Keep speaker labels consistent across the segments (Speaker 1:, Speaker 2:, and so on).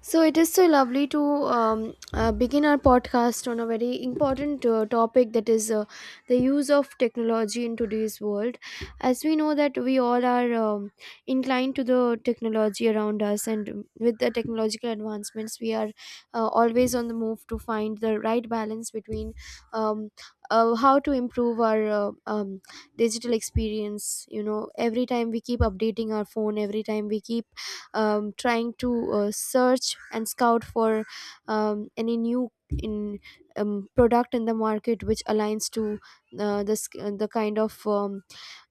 Speaker 1: So it is so lovely to begin our podcast on a very important topic, that is the use of technology in today's world. As we know that we all are inclined to the technology around us, and with the technological advancements, we are always on the move to find the right balance between um, how to improve our digital experience. Every time we keep updating our phone, every time we keep trying to search and scout for any new in product in the market which aligns to this, the kind of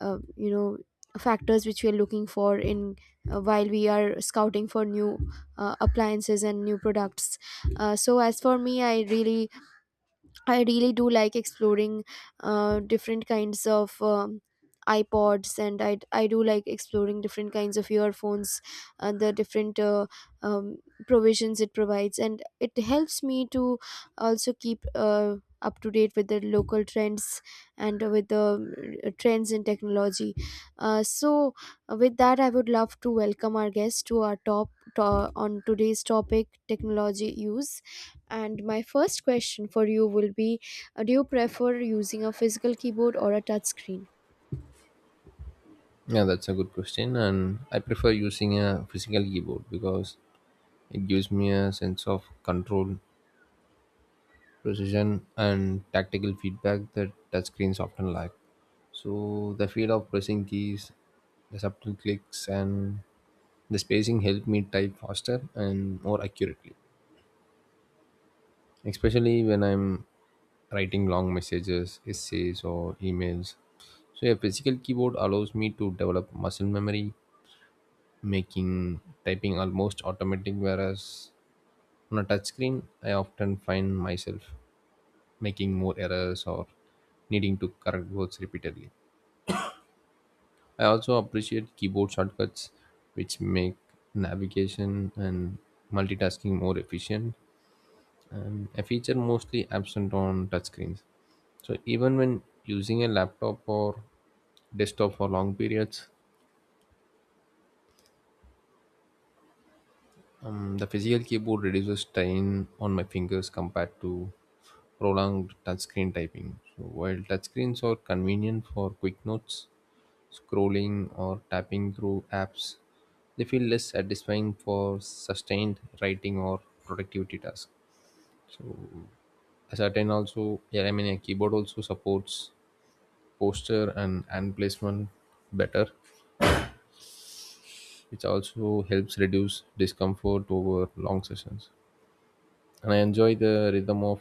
Speaker 1: uh, you know factors which we are looking for in while we are scouting for new appliances and new products. So as for me, I really do like exploring different kinds of iPods, and I do like exploring different kinds of earphones, and the different um, provisions it provides, and it helps me to also keep up to date with the local trends and with the trends in technology. So with that, I would love to welcome our guest to our to, on today's topic, technology use, and my first question for you will be, do you prefer using a physical keyboard or a touch screen?
Speaker 2: Yeah, that's a good question. And I prefer using a physical keyboard because it gives me a sense of control, precision, and tactical feedback that touchscreens often lack. So the feel of pressing keys, the subtle clicks, and the spacing help me type faster and more accurately, especially when I'm writing long messages, essays, or emails. So a physical keyboard allows me to develop muscle memory making typing almost automatic whereas on a touchscreen I often find myself making more errors or needing to correct words repeatedly. I also appreciate keyboard shortcuts which make navigation and multitasking more efficient, and a feature mostly absent on touchscreens. So even when using a laptop or desktop for long periods, the physical keyboard reduces strain on my fingers compared to prolonged touchscreen typing. So while touchscreens are convenient for quick notes, scrolling, or tapping through apps, they feel less satisfying for sustained writing or productivity tasks. So a certain also, yeah, a keyboard also supports posture and hand placement better, which also helps reduce discomfort over long sessions. And I enjoy the rhythm of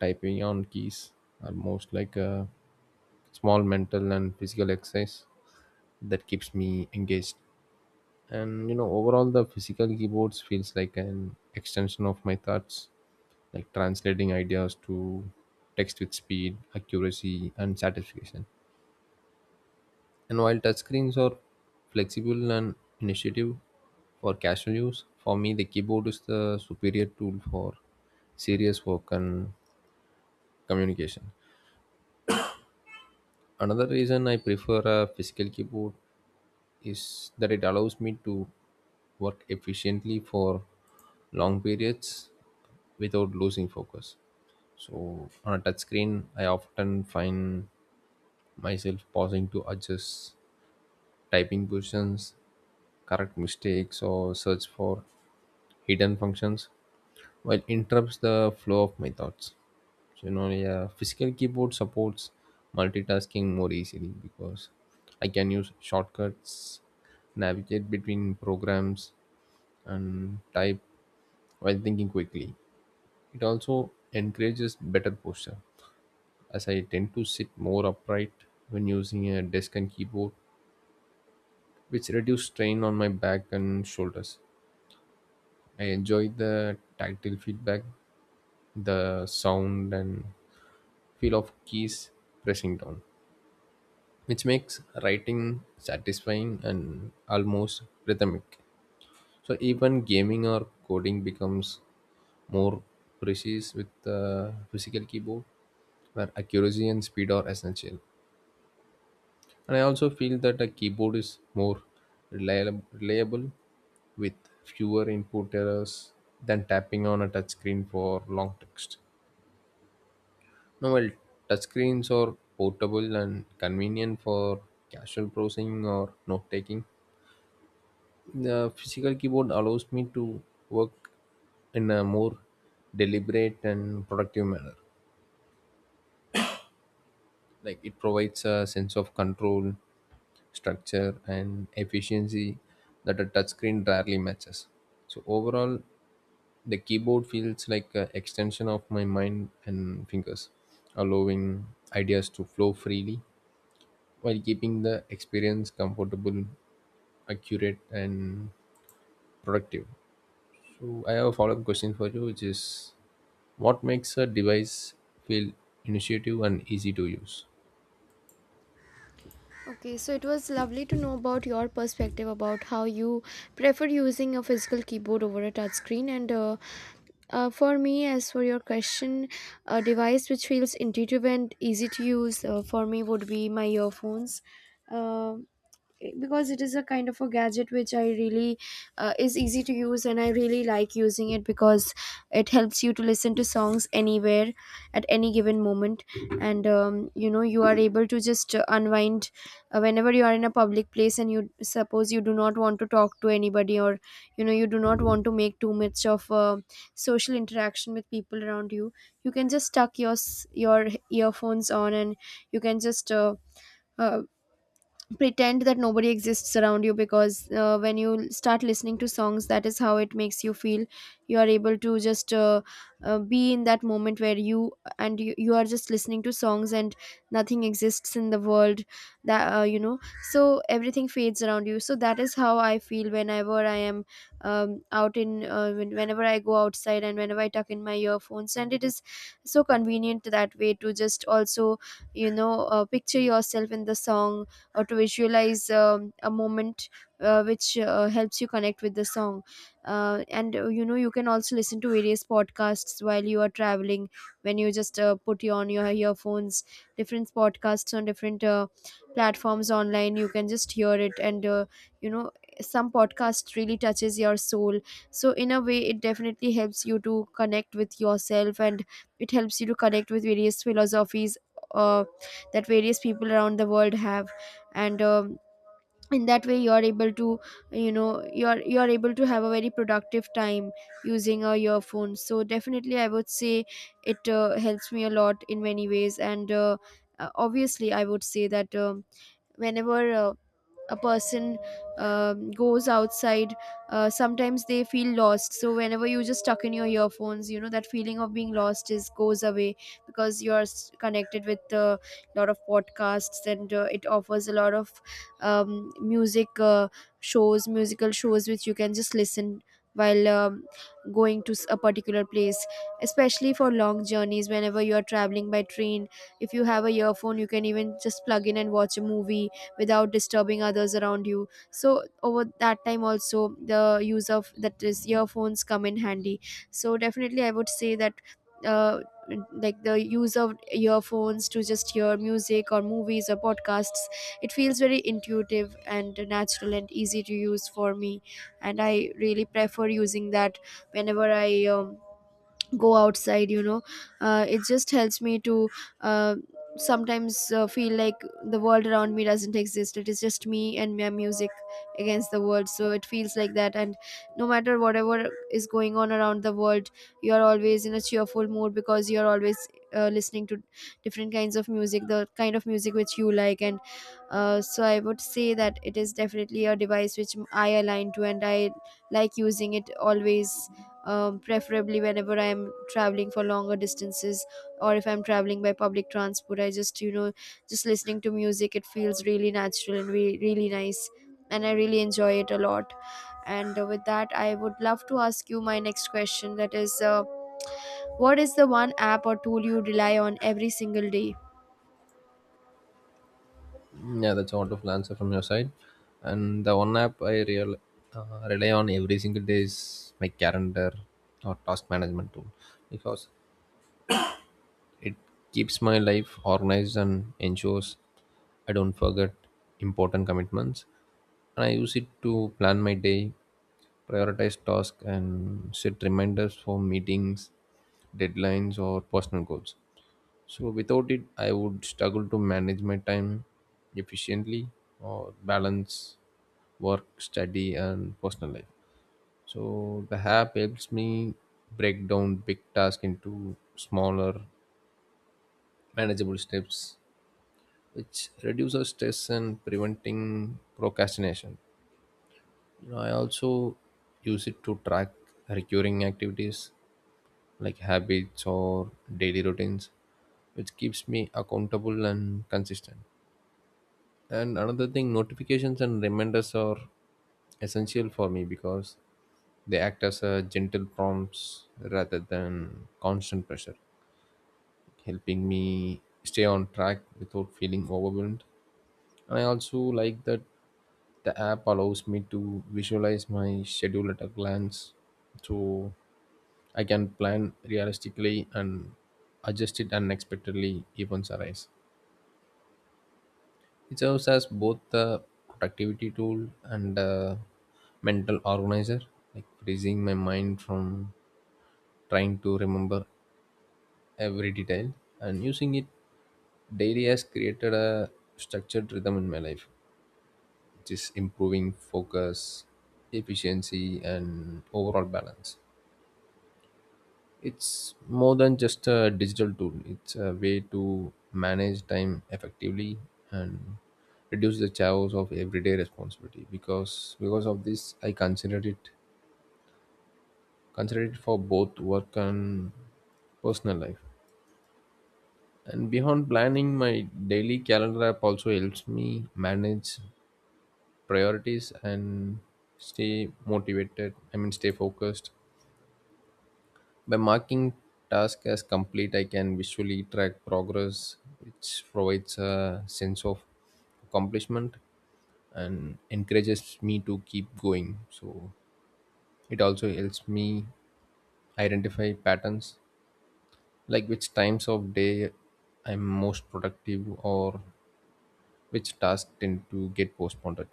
Speaker 2: typing on keys, almost like a small mental and physical exercise that keeps me engaged. Overall, the physical keyboards feels like an extension of my thoughts, like translating ideas to text with speed, accuracy, and satisfaction. And while touchscreens are flexible and initiative for casual use, for me, the keyboard is the superior tool for serious work and communication. Another reason I prefer a physical keyboard is that it allows me to work efficiently for long periods without losing focus. So on a touchscreen, I often find myself pausing to adjust typing positions, correct mistakes, or search for hidden functions. While it interrupts the flow of my thoughts. So, yeah, physical keyboard supports multitasking more easily because I can use shortcuts, navigate between programs, and type while thinking quickly. It also encourages better posture as I tend to sit more upright when using a desk and keyboard, which reduce strain on my back and shoulders. I enjoy the tactile feedback, the sound, and feel of keys pressing down, which makes writing satisfying and almost rhythmic. So even gaming or coding becomes more precise with the physical keyboard, where accuracy and speed are essential. And I also feel that a keyboard is more reliable with fewer input errors than tapping on a touchscreen for long text. No, well, touchscreens are portable and convenient for casual browsing or note taking. The physical keyboard allows me to work in a more deliberate and productive manner. Like it provides a sense of control, structure, and efficiency that a touchscreen rarely matches. So, overall, the keyboard feels like an extension of my mind and fingers, allowing ideas to flow freely while keeping the experience comfortable, accurate, and productive. So, I have a follow up question for you, which is what makes a device feel initiative and easy to use?
Speaker 1: Okay, so it was lovely to know about your perspective about how you prefer using a physical keyboard over a touchscreen. And for me, as for your question, a device which feels intuitive and easy to use for me would be my earphones. Um because it is a kind of a gadget which I really is easy to use, and I really like using it because it helps you to listen to songs anywhere at any given moment. And you are able to just unwind whenever you are in a public place, and you suppose you do not want to talk to anybody, or you do not want to make too much of social interaction with people around you. You can just tuck your earphones on, and you can just uh, pretend that nobody exists around you, because when you start listening to songs, that is how it makes you feel. You are able to just be in that moment where you are just listening to songs, and nothing exists in the world that you know so everything fades around you. So that is how I feel whenever I am out in whenever I go outside, and whenever I tuck in my earphones. And it is so convenient that way to just also picture yourself in the song, or to visualize a moment which helps you connect with the song. And you can also listen to various podcasts while you are traveling. When you just put you on your earphones, different podcasts on different platforms online, you can just hear it. And you know some podcast really touches your soul. So in a way, it definitely helps you to connect with yourself, and it helps you to connect with various philosophies uh, that various people around the world have. And in that way, you are able to you know you're able to have a very productive time using a earphone. So definitely I would say it helps me a lot in many ways. And obviously I would say that whenever a person goes outside, sometimes they feel lost. So whenever you just stuck in your earphones, you know that feeling of being lost is goes away, because you're connected with a lot of podcasts. And it offers a lot of um, music uh, musical shows which you can just listen while going to a particular place, especially for long journeys. Whenever you are traveling by train, if you have a earphone, you can even just plug in and watch a movie without disturbing others around you. So over that time also, the use of that is earphones come in handy. So definitely I would say that, uh, like, the use of earphones to just hear music or movies or podcasts, it feels very intuitive and natural and easy to use for me, and I really prefer using that whenever I go outside. It just helps me to uh, sometimes feel like the world around me doesn't exist, it is just me and my music against the world. So it feels like that. And no matter whatever is going on around the world, you are always in a cheerful mood, because you are always listening to different kinds of music, the kind of music which you like. And so I would say that it is definitely a device which I align to, and I like using it always, preferably whenever I'm traveling for longer distances, or if I'm traveling by public transport. I just, just listening to music, it feels really natural and really nice, and I really enjoy it a lot. And with that, I would love to ask you my next question, that is, what is the one app or tool you rely on every single day?
Speaker 2: Yeah, that's a wonderful answer from your side. And the one app I rely on every single day is my calendar or task management tool because it keeps my life organized and ensures I don't forget important commitments. And I use it to plan my day, prioritize tasks, and set reminders for meetings, deadlines, or personal goals. So, without it, I would struggle to manage my time efficiently or balance work, study, and personal life. So, the app helps me break down big tasks into smaller, manageable steps, which reduces stress and preventing procrastination. I also use it to track recurring activities like habits or daily routines, which keeps me accountable and consistent. And another thing, notifications and reminders are essential for me because they act as a gentle prompts rather than constant pressure, helping me stay on track without feeling overwhelmed. And I also like that the app allows me to visualize my schedule at a glance, so I can plan realistically and adjust it unexpectedly events arise. It serves as both a productivity tool and a mental organizer, like freezing my mind from trying to remember every detail, and using it daily has created a structured rhythm in my life, which is improving focus, efficiency, and overall balance. It's more than just a digital tool. It's a way to manage time effectively and reduce the chaos of everyday responsibility. Because I consider it for both work and personal life. And beyond planning, my daily calendar app also helps me manage priorities and stay motivated. I mean, stay focused. By marking tasks as complete, I can visually track progress, which provides a sense of accomplishment and encourages me to keep going. So it also helps me identify patterns like which times of day I'm most productive or which tasks tend to get postponed,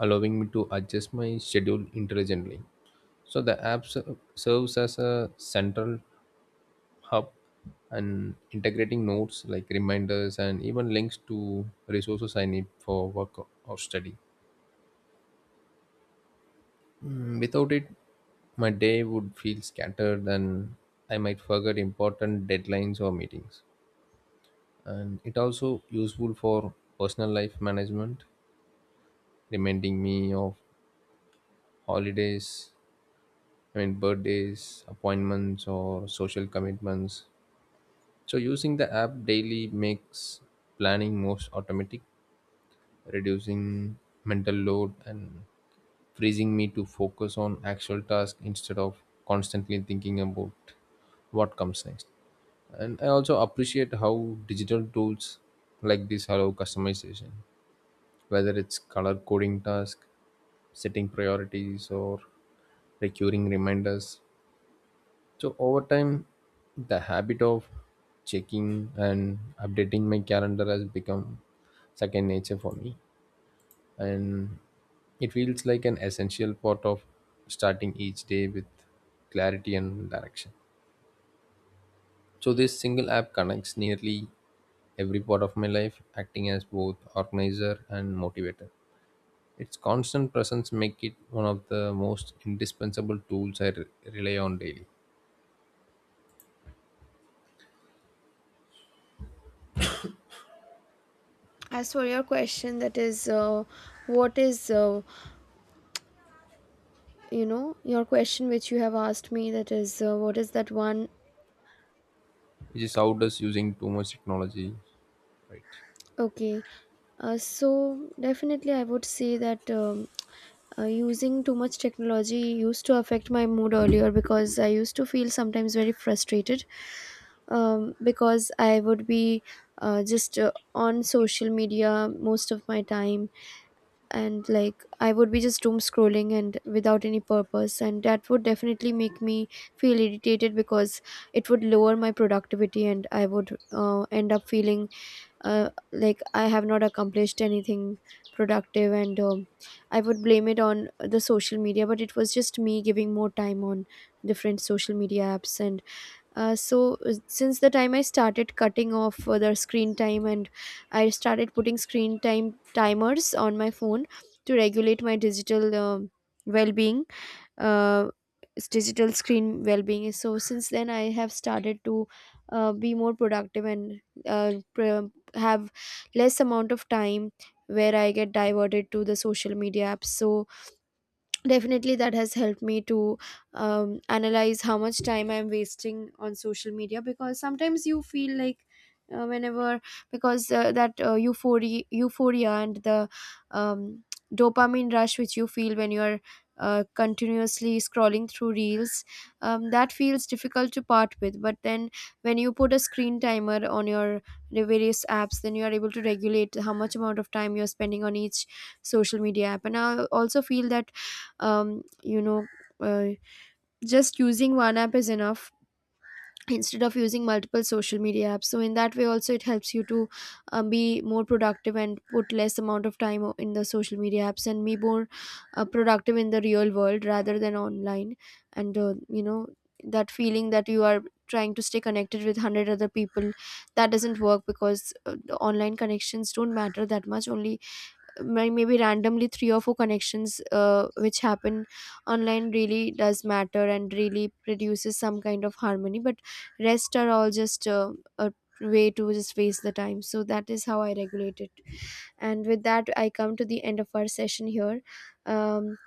Speaker 2: allowing me to adjust my schedule intelligently. So the app serves as a central hub and integrating notes like reminders and even links to resources I need for work or study. Without it, my day would feel scattered and I might forget important deadlines or meetings. And it also useful for personal life management, reminding me of holidays, I mean birthdays, appointments or social commitments. So using the app daily makes planning most automatic, reducing mental load and freezing me to focus on actual task instead of constantly thinking about what comes next. And I also appreciate how digital tools like this allow customization, whether it's color coding task, setting priorities or recurring reminders. So over time the habit of checking and updating my calendar has become second nature for me, and it feels like an essential part of starting each day with clarity and direction. So, this single app connects nearly every part of my life, acting as both organizer and motivator. Its constant presence make it one of the most indispensable tools I rely on daily,
Speaker 1: As for your question, that is, what is, you know, your question which you have asked me, that is, what is that one?
Speaker 2: which is how does using too much technology, right?
Speaker 1: Okay, so definitely, I would say that using too much technology used to affect my mood earlier, because I used to feel sometimes very frustrated, because I would be just on social media most of my time. And like I would be just doom scrolling and without any purpose, and that would definitely make me feel irritated, because it would lower my productivity, and I would end up feeling like I have not accomplished anything productive. And I would blame it on the social media, but it was just me giving more time on different social media apps. And so since the time I started cutting off the screen time, and I started putting screen time timers on my phone to regulate my digital well-being, uh, digital screen well-being is. So since then I have started to be more productive, and have less amount of time where I get diverted to the social media apps. So definitely that has helped me to analyze how much time I'm wasting on social media. Because sometimes you feel like, whenever, because that euphoria and the um, dopamine rush which you feel when you're continuously scrolling through reels, that feels difficult to part with. But then, when you put a screen timer on your various apps, then you are able to regulate how much amount of time you're spending on each social media app. And I also feel that, um you know uh, just using one app is enough, instead of using multiple social media apps. So in that way also, it helps you to be more productive, and put less amount of time in the social media apps, and be more productive in the real world rather than online. And you know that feeling that you are trying to stay connected with 100 other people? That doesn't work, because the online connections don't matter that much. Only maybe randomly three or four connections which happen online really does matter and really produces some kind of harmony, but rest are all just a way to just waste the time. So that is how I regulate it. And with that, I come to the end of our session here. um,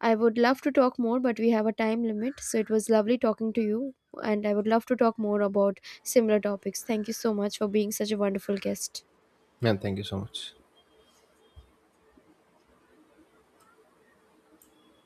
Speaker 1: I would love to talk more, but we have a time limit. So it was lovely talking to you, and I would love to talk more about similar topics. Thank you so much for being such a wonderful guest.
Speaker 2: Yeah, thank you so much.